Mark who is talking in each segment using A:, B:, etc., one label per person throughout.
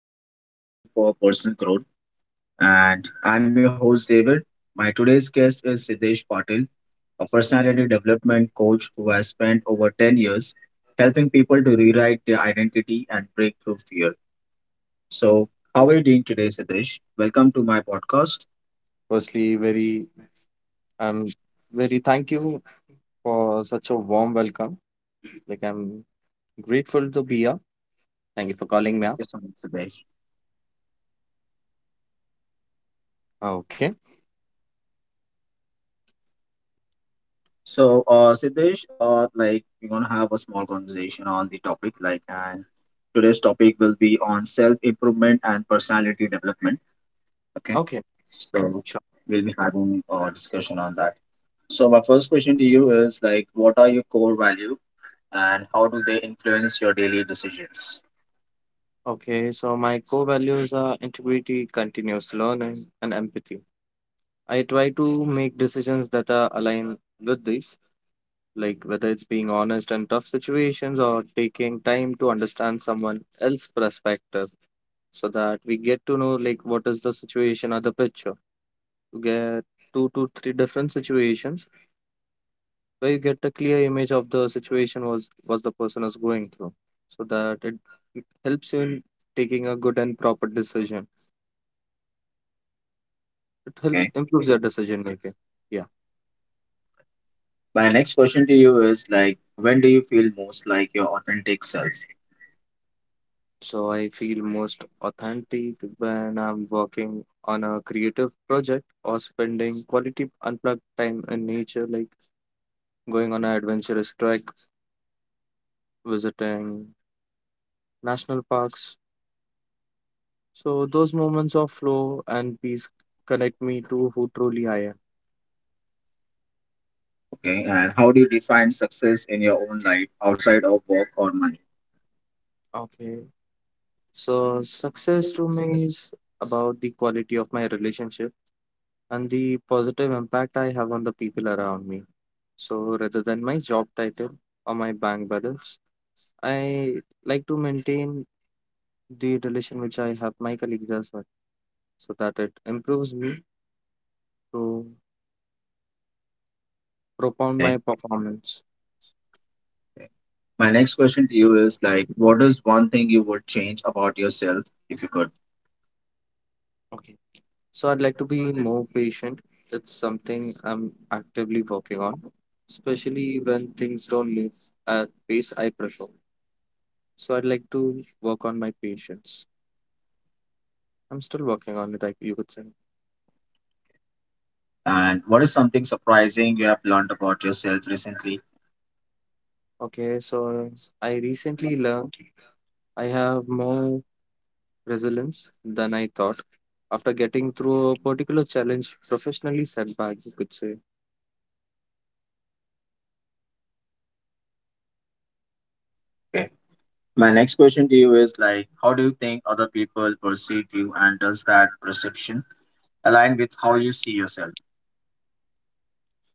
A: topic that is crucial for personal growth. And I'm your host, David. My today's guest is Siddesh Patil, a personality development coach who has spent over 10 years helping people to rewrite their identity and break through fear. So, how are you doing today, Siddesh? Welcome to my podcast.
B: Firstly, very I'm very thank you for such a warm welcome. I'm grateful to be here. Thank you for calling me up.
A: Yes, I'm Siddesh.
B: Okay.
A: So, Siddesh, like we're gonna have a small conversation on the topic, like, and today's topic will be on self-improvement and personality development. Okay,
B: Okay.
A: so
B: Sure.
A: we'll be having a discussion on that. So, my first question to you is like, what are your core value and how do they influence your daily decisions?
B: Okay. So my core values are integrity, continuous learning, and empathy. I try to make decisions that are aligned with these, like whether it's being honest in tough situations or taking time to understand someone else's perspective so that we get to know like what is the situation or the picture to get two to three different situations where you get a clear image of the situation was the person is going through so that it helps you in taking a good and proper decision. It helps
A: Okay.
B: improve your decision making, yeah.
A: My next question to you is like, when do you feel most like your authentic self?
B: So I feel most authentic when I'm working on a creative project or spending quality unplugged time in nature, like going on an adventurous trek, visiting national parks. So those moments of flow and peace connect me to who truly I am.
A: Okay, and how do you define success in your own life outside of work or money?
B: Okay. So success to me is about the quality of my relationship and the positive impact I have on the people around me. So rather than my job title or my bank balance, I like to maintain the relation which I have my colleagues as well, so that it improves me to propound
A: Okay.
B: my performance.
A: My next question to you is like, what is one thing you would change about yourself if you could?
B: Okay. So I'd like to be more patient. It's something I'm actively working on, especially when things don't move at pace I prefer. So I'd like to work on my patience. I'm still working on it, I, you could say.
A: And what is something surprising you have learned about yourself recently?
B: Okay, so I recently learned I have more resilience than I thought after getting through a particular challenge, professionally setback, you could say.
A: Okay. My next question to you is like, how do you think other people perceive you, and does that perception align with how you see yourself?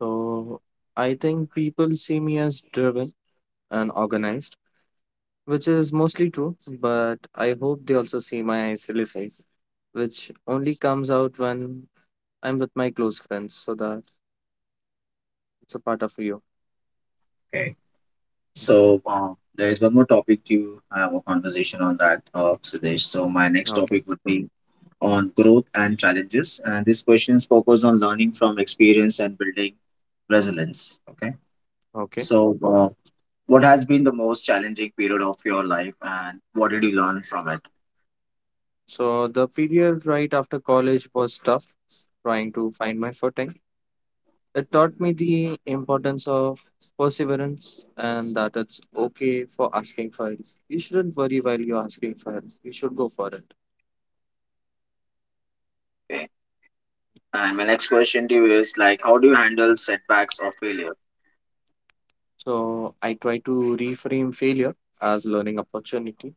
B: So I think people see me as driven and organized, which is mostly true, but I hope they also see my silly side, which only comes out when I'm with my close friends, so that it's a part of you.
A: Okay. So there is one more topic to have a conversation on that, Sudesh. So my next
B: Okay,
A: topic would be on growth and challenges. And these questions focus on learning from experience and building resilience. Okay.
B: okay.
A: So, what has been the most challenging period of your life, and what did you learn from it?
B: So the period right after college was tough, trying to find my footing. It taught me the importance of perseverance and that it's okay for asking for help. You shouldn't worry while you're asking for help. You should go for it.
A: Okay. And my next question to you is like, how do you handle setbacks or failure?
B: So I try to reframe failure as learning opportunity.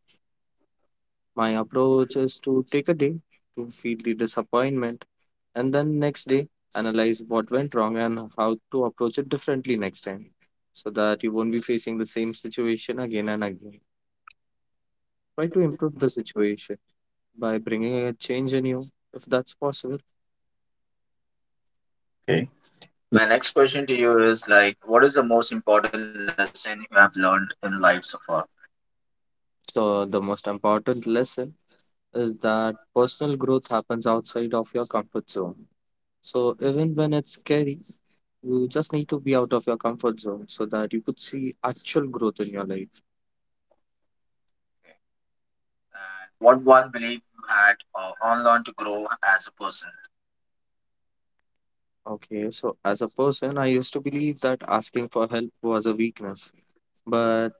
B: My approach is to take a day to feel the disappointment and then next day analyze what went wrong and how to approach it differently next time so that you won't be facing the same situation again and again. Try to improve the situation by bringing a change in you if that's possible.
A: Okay. My next question to you is like, what is the most important lesson you have learned in life so far?
B: So, the most important lesson is that personal growth happens outside of your comfort zone. So even when it's scary, you just need to be out of your comfort zone so that you could see actual growth in your life.
A: Okay. And what one belief you had or unlearned to grow as a person?
B: Okay, so as a person, I used to believe that asking for help was a weakness, but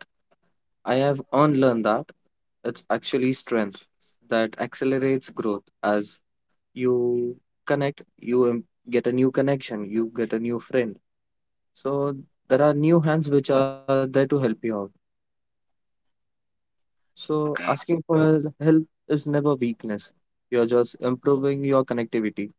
B: I have unlearned that it's actually strength that accelerates growth as you connect, you get a new connection, you get a new friend. So there are new hands which are there to help you out. So
A: Okay.
B: asking for help is never weakness. You're just improving your connectivity.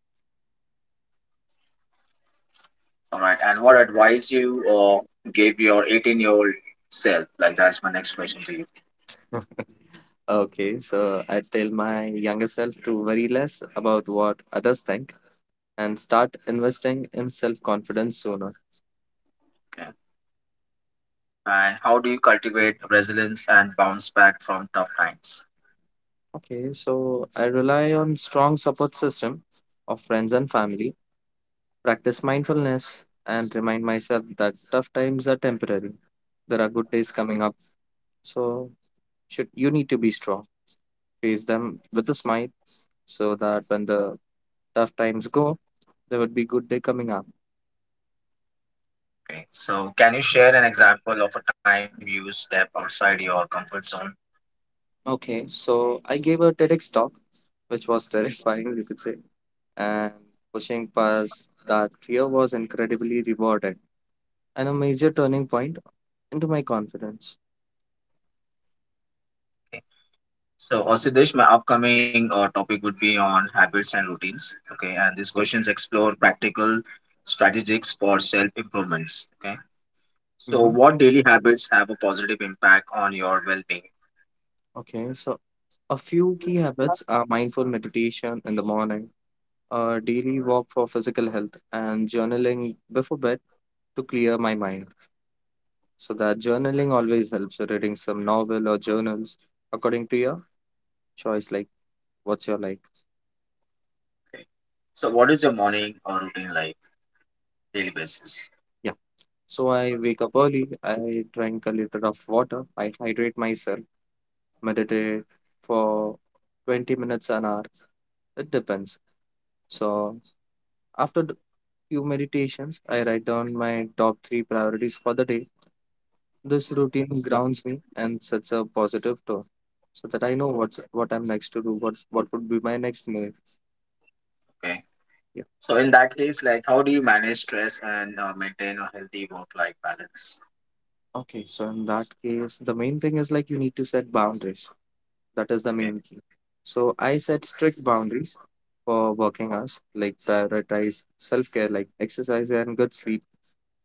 A: All right. And what advice you gave your 18-year-old year old self? Like, that's my next question to you.
B: Okay, so I tell my younger self to worry less about what others think and start investing in self-confidence sooner.
A: Okay. And how do you cultivate resilience and bounce back from tough times?
B: Okay, so I rely on strong support system of friends and family, practice mindfulness and remind myself that tough times are temporary. There are good days coming up. So should you need to be strong. Face them with a smile so that when the tough times go, there would be good day coming up.
A: Okay, so can you share an example of a time you step outside your comfort zone?
B: Okay, so I gave a TEDx talk, which was terrifying, you could say, and pushing past that fear was incredibly rewarded and a major turning point into my confidence.
A: Okay, so also this my upcoming topic would be on habits and routines. Okay, and these
B: Yeah.
A: questions explore practical strategies for self improvements. Okay, so
B: hmm
A: what daily habits have a positive impact on your well being?
B: Okay, so a few key habits are mindful meditation in the morning, a daily walk for physical health, and journaling before bed to clear my mind. So that journaling always helps. So reading some novel or journals according to your choice, like what's your like?
A: Okay. So, what is your morning or routine like daily basis?
B: Yeah. So I wake up early, I drink a liter of water, I hydrate myself, meditate for 20 minutes an hour. It depends. So after the few meditations, I write down my top three priorities for the day. This routine grounds me and sets a positive tone so that I know what's what I'm next to do, what would be my next move.
A: Okay.
B: Yeah.
A: So in that case, like how do you manage stress and maintain a healthy work-life balance?
B: Okay, so in that case, the main thing is like you need to set boundaries. That is the
A: Okay.
B: main key. So I set strict boundaries for working hours, like prioritize self care, like exercise and good sleep.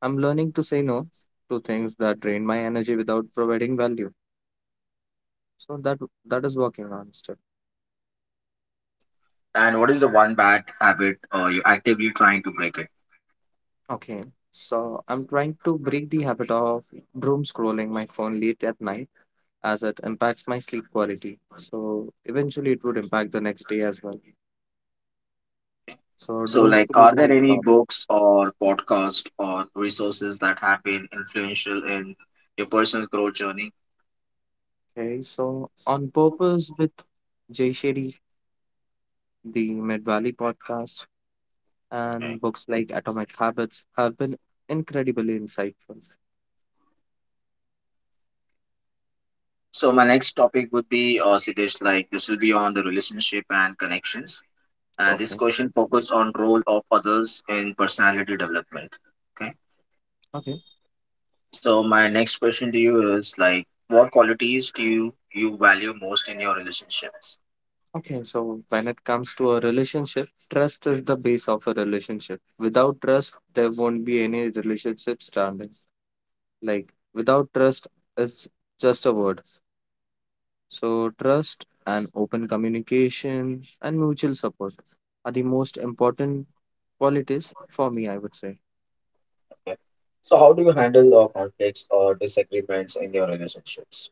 B: I'm learning to say no to things that drain my energy without providing value. So that that is working on step.
A: And what is the one bad habit you're actively trying to break it?
B: Okay. So I'm trying to break the habit of doom scrolling my phone late at night as it impacts my sleep quality. So eventually it would impact the next day as well. So
A: So
B: doom
A: like, are
B: scrolling
A: there
B: is
A: any
B: bad.
A: books or podcast or resources that have been influential in your personal growth journey?
B: Okay. So on purpose with Jay Shetty, the Mid Valley podcast, and
A: Okay.
B: books like Atomic Habits have been incredibly insightful.
A: So my next topic would be Siddesh, like this will be on the relationship and connections. And this
B: Okay,
A: question focus on role of others in personality development. Okay.
B: okay,
A: So my next question to you is like, what qualities do you value most in your relationships?
B: okay. So, when it comes to a relationship, trust is the base of a relationship. Without trust, there won't be any relationship standing. Like, without trust, it's just a word. So, trust and open communication and mutual support are the most important qualities for me, I would say.
A: Okay. So how do you handle conflicts or disagreements in your relationships?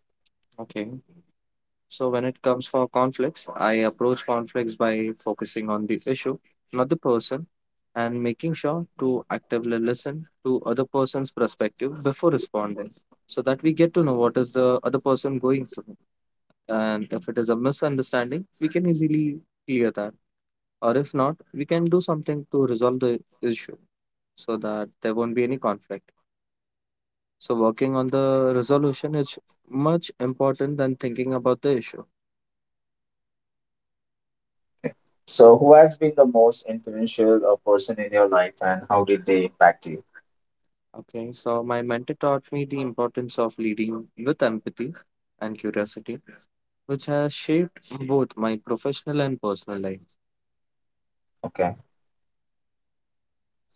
B: Okay. So when it comes for conflicts, I approach conflicts by focusing on the issue, not the person, and making sure to actively listen to other person's perspective before responding so that we get to know what is the other person going through, and if it is a misunderstanding we can easily clear that, or if not we can do something to resolve the issue so that there won't be any conflict. So working on the resolution is much important than thinking about the issue.
A: So who has been the most influential person in your life and how did they impact you?
B: Okay, so my mentor taught me the importance of leading with empathy and curiosity, which has shaped both my professional and personal life.
A: Okay.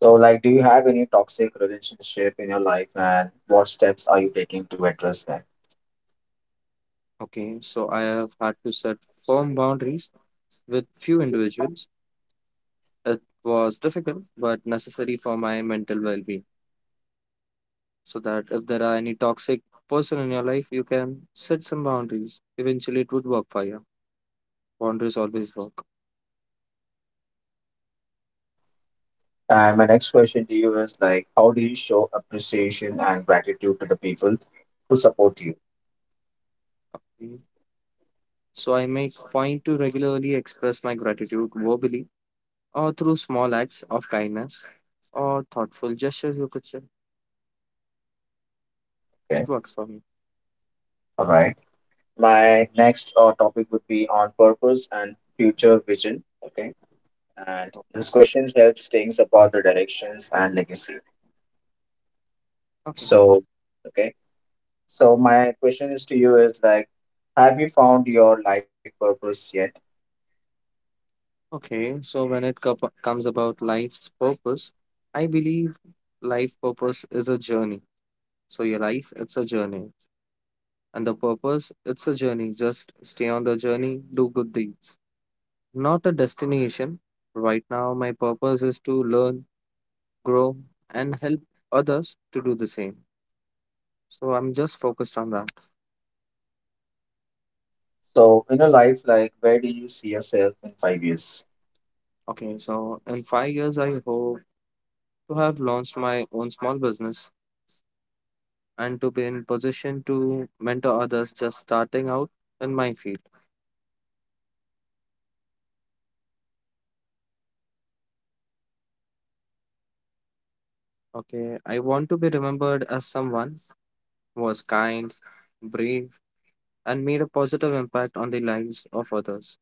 A: So like, do you have any toxic relationship in your life and what steps are you taking to address them?
B: Okay, so I have had to set firm boundaries with few individuals. It was difficult but necessary for my mental well being. So that if there are any toxic person in your life, you can set some boundaries. Eventually, it would work for you. Boundaries always work.
A: And my next question to you is like, how do you show appreciation and gratitude to the people who support you?
B: Mm. So I make point to regularly express my gratitude verbally or through small acts of kindness or thoughtful gestures, you could say.
A: Okay,
B: It works for me.
A: all right. My next topic would be on purpose and future vision. Okay, and this question helps things about the directions and legacy.
B: Okay.
A: So, okay, so my question is to you is like, have you found your life purpose yet?
B: Okay. So when it comes about life's purpose, I believe life purpose is a journey. So your life, it's a journey. And the purpose, it's a journey. Just stay on the journey, do good deeds. Not a destination. Right now, my purpose is to learn, grow, and help others to do the same. So I'm just focused on that.
A: So, in a life, like, where do you see yourself in 5 years?
B: Okay, so in 5 years, I hope to have launched my own small business and to be in position to mentor others just starting out in my field. Okay, I want to be remembered as someone who was kind, brave, and made a positive impact on the lives of others.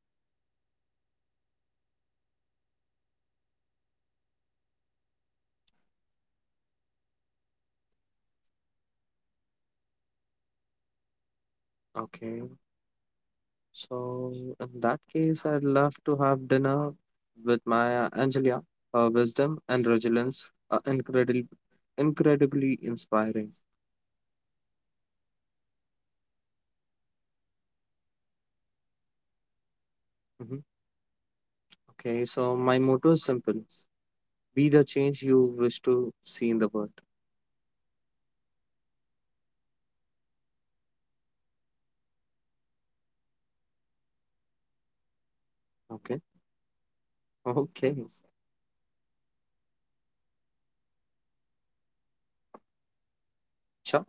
B: Okay, so in that case, I'd love to have dinner with Maya Angelina. Her wisdom and resilience are incredible, incredibly inspiring. Mhm. Okay, so my motto is simple. Be the change you wish to see in the world. Okay. Okay. Sure.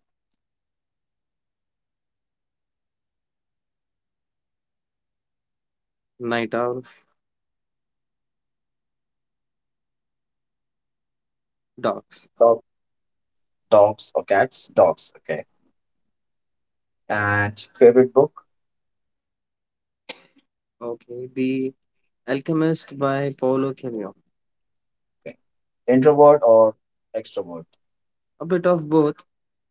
B: Night Owl. Dogs.
A: Dog, dogs or cats? Dogs. Okay. And favorite book?
B: Okay. The Alchemist by Paulo Coelho.
A: Okay. Introvert or extrovert?
B: A bit of both.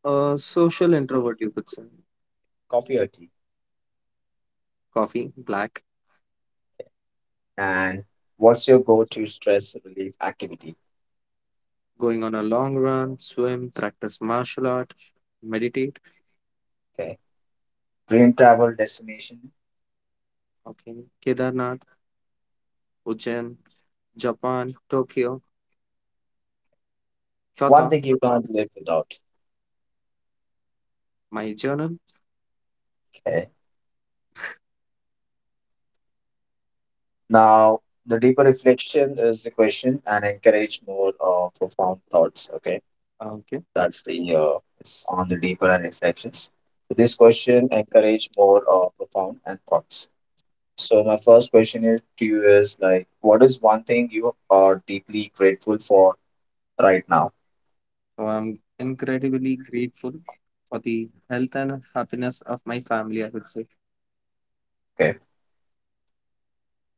B: A social introvert, you could say.
A: Coffee or tea?
B: Coffee, black.
A: And what's your go-to stress relief activity?
B: Going on a long run, swim, practice martial art, meditate.
A: Okay. Dream travel destination.
B: Okay. Kedarnath, Ujjain, Japan, Tokyo,
A: One
B: Kyoto.
A: thing you can't live without.
B: My journal.
A: Okay. Now the deeper reflection is the question and encourage more profound thoughts. Okay.
B: Okay.
A: That's the it's on the deeper and reflections. So this question encourage more profound and thoughts. So my first question is to you is like, what is one thing you are deeply grateful for right now.
B: So I'm incredibly grateful for the health and happiness of my family, I would say.
A: Okay.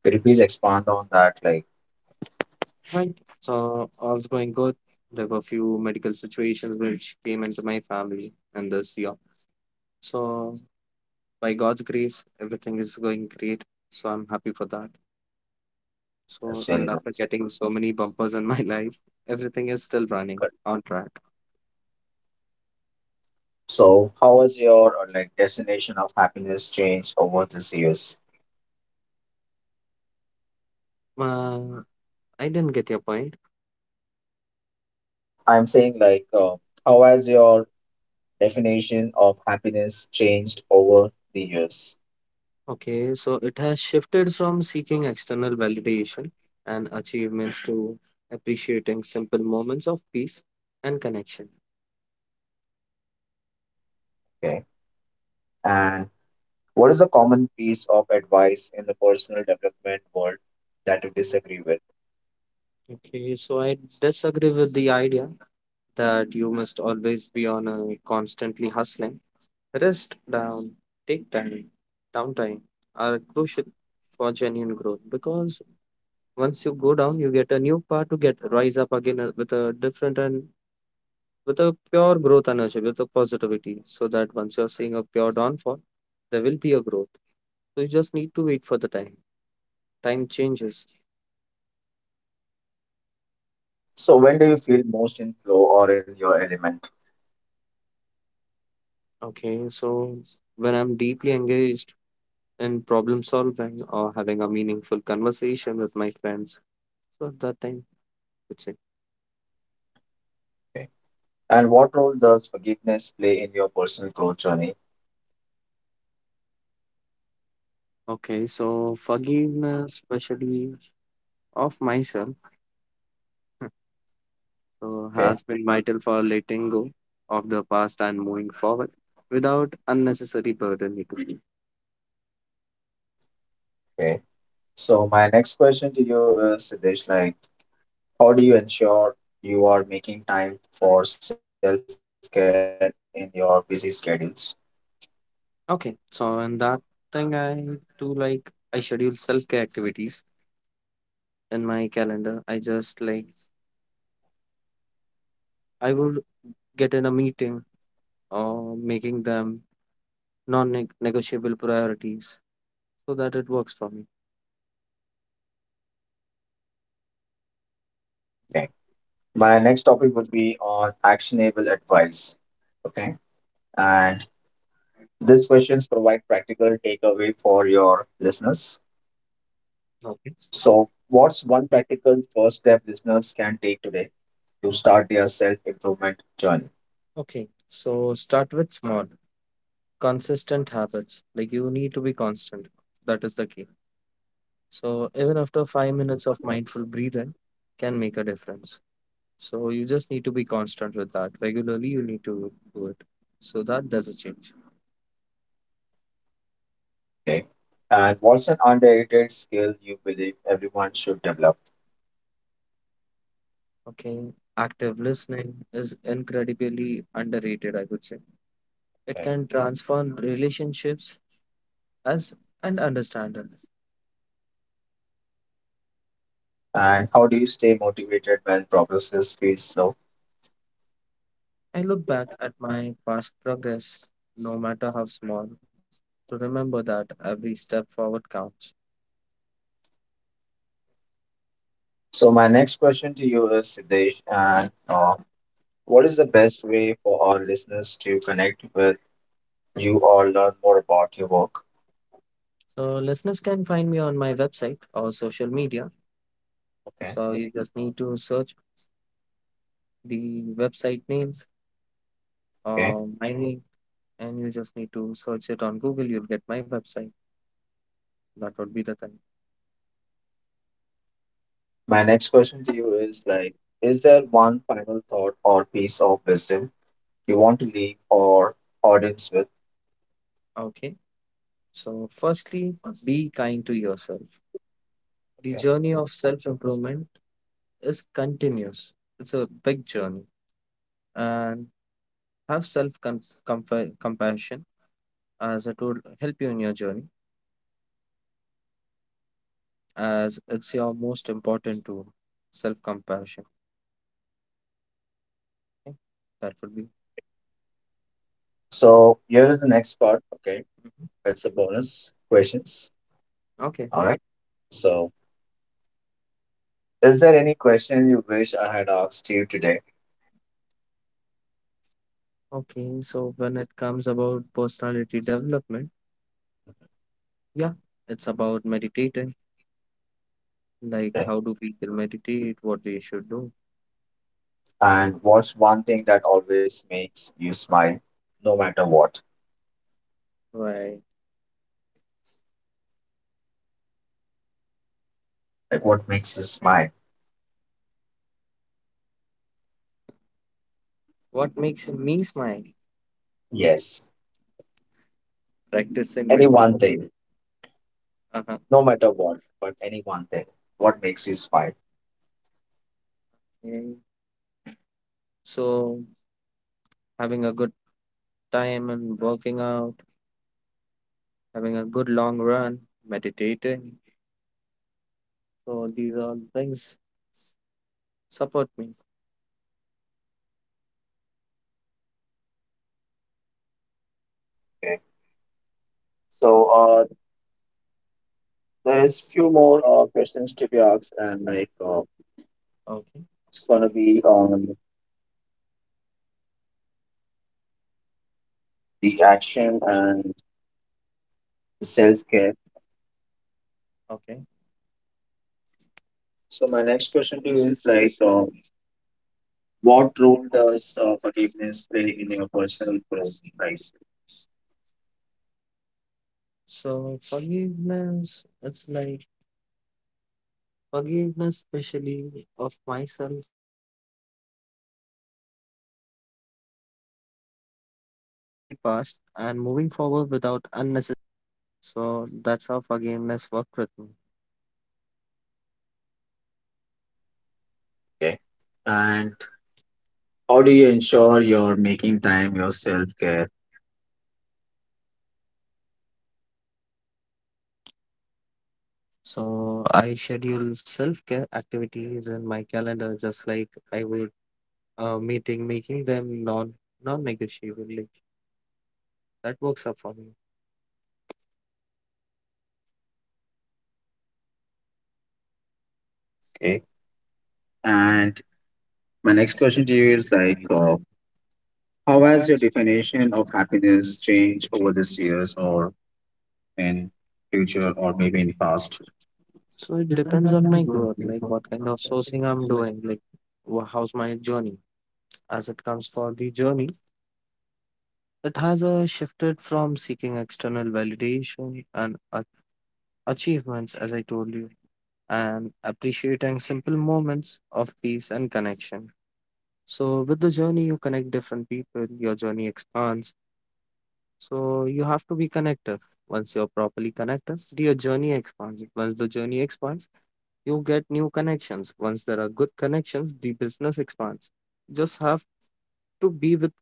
A: Could you please expand on that? Like,
B: Right. So all's going good. There were a few medical situations which came into my family in this year. So by God's grace, everything is going great. So I'm happy for that.
A: that's
B: So
A: really
B: even after
A: nice.
B: getting so many bumpers in my life, everything is still running
A: Good.
B: on track.
A: So, how has your like destination of happiness changed over these years?
B: Uh, I didn't get your point.
A: Uh, I'm saying like, how has your definition of happiness changed over the years?
B: Okay, so it has shifted from seeking external validation and achievements to appreciating simple moments of peace and connection.
A: Okay. And what is a common piece of advice in the personal development world that you disagree with?
B: Okay, so I disagree with the idea that you must always be on a constantly hustling. Rest down, take time, downtime are crucial for genuine growth because once you go down, you get a new power to get rise up again with a different and with a pure growth energy, with a positivity, so that once you're seeing a pure downfall, there will be a growth. So you just need to wait for the time. Time changes.
A: Okay. So, when do you feel most in flow or in your element?
B: Okay, so when I'm deeply engaged in problem solving or having a meaningful conversation with my friends, so at that time, I would say.
A: Okay. And what role does forgiveness play in your personal growth journey?
B: Okay, so forgiveness, especially of myself,
A: Okay,
B: has been vital for letting go of the past and moving forward without unnecessary burden.
A: okay. So my next question to you is, Siddesh, like, how do you ensure you are making time for self-care in your busy schedules?
B: Okay, so in that thing, I do like I schedule self-care activities in my calendar. I just like I would get in a meeting or making them non-negotiable priorities so that it works for me.
A: Okay. My next topic would be on actionable advice. Okay. And these questions provide practical takeaway for your listeners.
B: Okay.
A: So what's one practical first step listeners can take today to start their self-improvement journey?
B: Okay, so start with small, consistent habits. Like you need to be constant. That is the key. So even after 5 minutes of mindful breathing can make a difference. So you just need to be constant with that. Regularly, you need to do it. So that doesn't change.
A: Okay. And what's an underrated skill you believe everyone should develop?
B: Okay. Active listening is incredibly underrated, I would say. It
A: Okay.
B: can transform relationships as and understand it.
A: And how do you stay motivated when progress feels slow?
B: I look back at my past progress, no matter how small, to remember that every step forward counts.
A: So my next question to you is Siddesh, and what is the best way for our listeners to connect with you or learn more about your work?
B: So listeners can find me on my website or social media.
A: Okay,
B: So you just need to search the website name
A: okay.
B: or my name and you just need to search it on Google, you'll get my website. That would be the thing.
A: My next question to you is like, is there one final thought or piece of wisdom you want to leave our audience with?
B: Okay. So, firstly, be kind to yourself. The
A: Okay.
B: journey of self improvement is continuous, it's a big journey. And have self compassion as it will help you in your journey, as it's your most important tool self compassion. Okay. That would be.
A: So here is the next part. Okay,
B: Mhm.
A: it's a bonus questions.
B: Okay.
A: All right. So, is there any question you wish I had asked you today?
B: Okay. So, when it comes about personality development, yeah, it's about meditating, like how
A: Okay.
B: do people meditate, what they should do,
A: And what's one thing that always makes you smile, no matter what?
B: right?
A: Like, what makes you smile?
B: What makes me smile?
A: Yes,
B: Practicing
A: any
B: with.
A: one thing,
B: Uh-huh.
A: no matter what, but any one thing. What makes you smile?
B: And so having a good time and working out, having a good long run, meditating. So these are things support me.
A: Okay. So
B: So
A: there is
B: there's
A: few
B: more
A: more questions
B: contributions
A: to be
B: we.
A: asked, and
B: Okay.
A: it's
B: It's going
A: gonna
B: to
A: be
B: be on
A: on the
B: the action
A: action
B: and
A: and the self
B: self
A: care.
B: care. Okay.
A: So
B: So
A: my
B: my
A: next
B: next
A: question
B: question
A: to
B: to
A: you
B: you
A: is
B: is
A: like,
B: like, what
A: what role
B: role
A: does
B: does
A: forgiveness
B: forgiveness
A: play
B: play
A: in
B: in
A: your
B: your
A: personal
B: personal
A: growth?
B: development?
A: Like,
B: Life? So forgiveness, it's like forgiveness, especially of myself, has been vital for letting go of the past and moving forward without unnecessary burdens. So that's how forgiveness worked with me.
A: okay, and how
B: How
A: do
B: do
A: you
B: you
A: ensure
B: ensure
A: you're
B: you're making
A: making time
B: time
A: your self
B: yourself care?
A: care?
B: So I schedule self-care activities in my calendar, just like I would meeting, making them non-negotiable. Like, that works up for me.
A: Okay. And my
B: My
A: next
B: next
A: question to
B: question to
A: you
B: you
A: is
B: is
A: like,
B: like,
A: how
B: how
A: has
B: has
A: your
B: your definition
A: definition of
B: of
A: happiness
B: happiness
A: changed
B: changed
A: over
B: over
A: these
B: this year
A: years,
B: or
A: or
B: in
A: in
B: future
A: future,
B: or
A: or maybe
B: maybe
A: in
B: in past?
A: past?
B: So it depends on my growth, like what kind of sourcing I'm doing, like how's my journey. As it comes for the journey, it has shifted from seeking external validation and achievements, as I told you, and appreciating simple moments of peace and connection. So with the journey, you connect different people, your journey expands. So you have to be connected. Once you're properly connected, your journey expands. Once the journey expands, you get new connections. Once there are good connections, the business expands. Just have to be with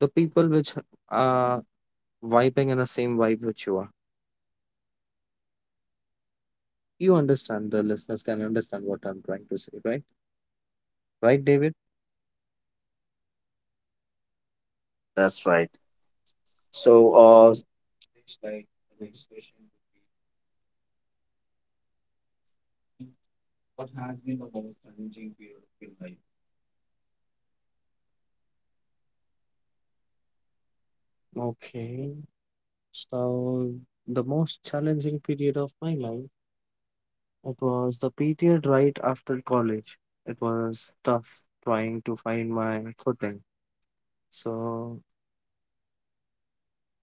B: the people which are vibing in the same vibe which you are. You understand, the listeners can understand what I'm trying to say, right? Right, David?
A: Yeah, that's right.
B: So,
A: So,
B: uh, it's like the next question would be, what has been the most challenging period of your life? Okay, so the most challenging period of my life, it was the period right after college. It was tough trying to find my footing. So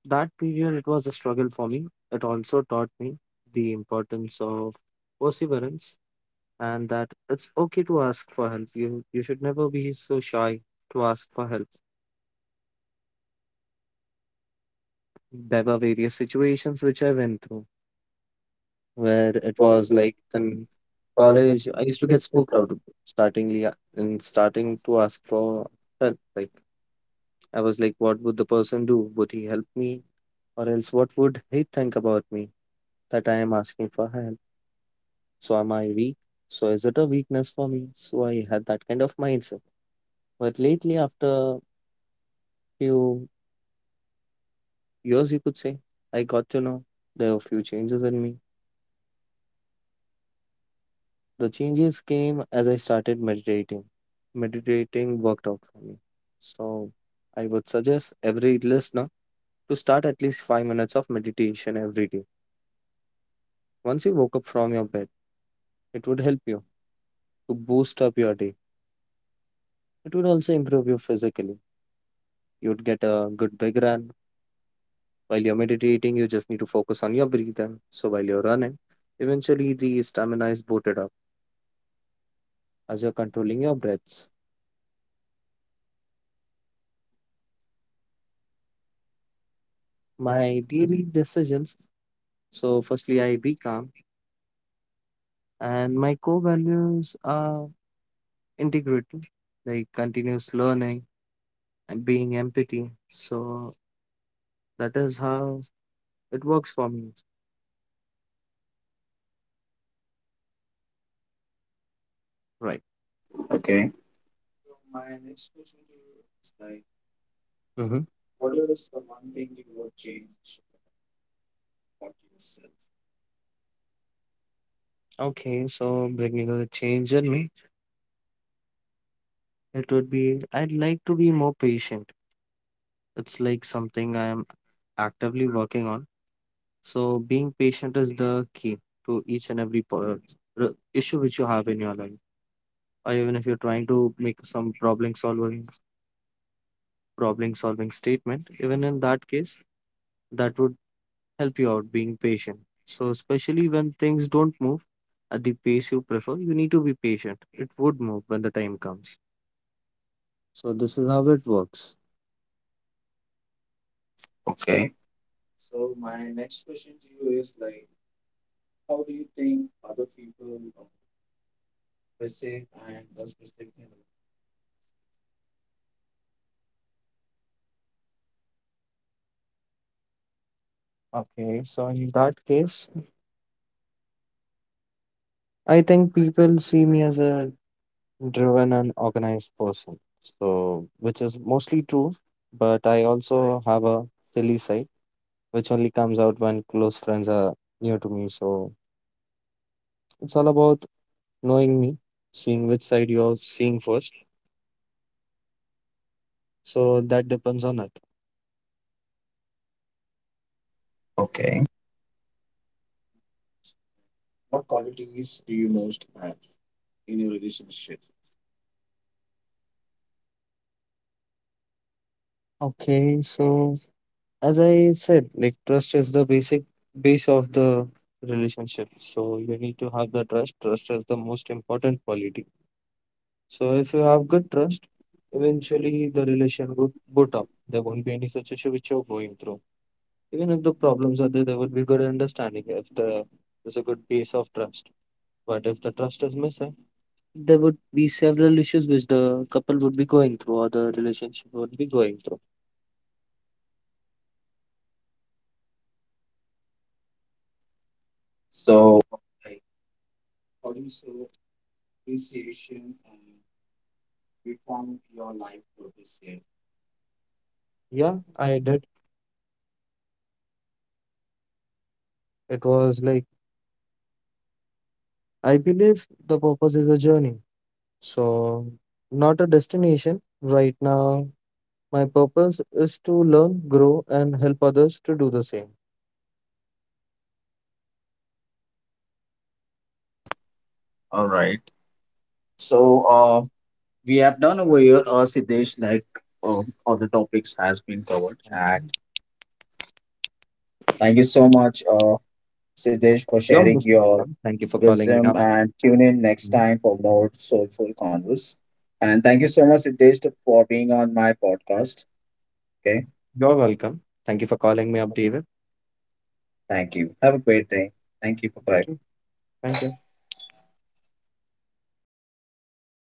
B: that period, it was a struggle for me. It also taught me the importance of perseverance and that it's okay to ask for help. You should never be so shy to ask for help. There were various situations which I went through where it was
A: okay,
B: like in college I used to get spooked out of it, startingly and starting to ask for help. Like I was like, what would the person do? Would he help me? Or else what would he think about me that I am asking for help? So am I weak? So is it a weakness for me? So I had that kind of mindset. But lately after few years you could say, I got to know there were few changes in me. The changes came as I started meditating. Meditating worked out for me. So I would suggest every listener to start at least 5 minutes of meditation every day. Once you woke up from your bed, it would help you to boost up your day. It would also improve you physically. You'd get a good big run. While you're meditating, you just need to focus on your breathing. So while you're running, eventually the stamina is booted up as you're controlling your breaths. My daily decisions, so, firstly, I be calm. And my core values are integrity, like continuous learning and being empathy. So that is how it works for me, right? Mhm. Okay, so bringing a change in me, it would be I'd like to be more patient. It's like something I am actively working on. So being patient is the key to each and every issue which you have in your life, or even if you're trying to make some problem solving statement. Even in that case, that would help you out being patient. So especially when things don't move at the pace you prefer, you need to be patient. It would move when the time comes. So this is how it works.
A: okay,
B: So my next question to you is like, how do you think other people perceive and does perspective. Okay, so in that case, I think people see me as a driven and organized person. So, which is mostly true, but I also have a silly side, which only comes out when close friends are new to me. So, it's all about knowing me, seeing which side you're seeing first. So, that depends on it.
A: okay.
B: What qualities do you most have in your relationship? Okay, so as I said, like trust is the basic base of the relationship. So you need to have the trust. Trust is the most important quality. So if you have good trust, eventually the relation would boot up. There won't be any such issue which you're going through. Even if the problems are there, there will be good understanding if there's a good base of trust. But if the trust is missing, there would be several issues which the couple would be going through or the relationship would be going through. So,
A: So,
B: like, how do you see appreciation and reform your life for this year? Yeah, I did. It was like, I believe the purpose is a journey. So, not a destination. Right now, my purpose is to learn, grow, and help others to do the same.
A: all right.
B: So
A: So, uh, we
B: we have
A: have
B: done
A: done over here,
B: with.
A: Siddesh, like other topics has been covered. And
B: Okay.
A: thank you so much, Siddesh, for
B: You're
A: sharing
B: most
A: your
B: welcome. Thank you for calling me
A: wisdom.
B: up.
A: And tune in next
B: Mhm.
A: time for more soulful converse. And thank you so much, Siddesh, for being on my podcast. Okay,
B: You're welcome. Thank you for calling me up, David.
A: thank you. Have a great day. Thank you. Bye
B: Thank
A: bye.
B: you. Thank you.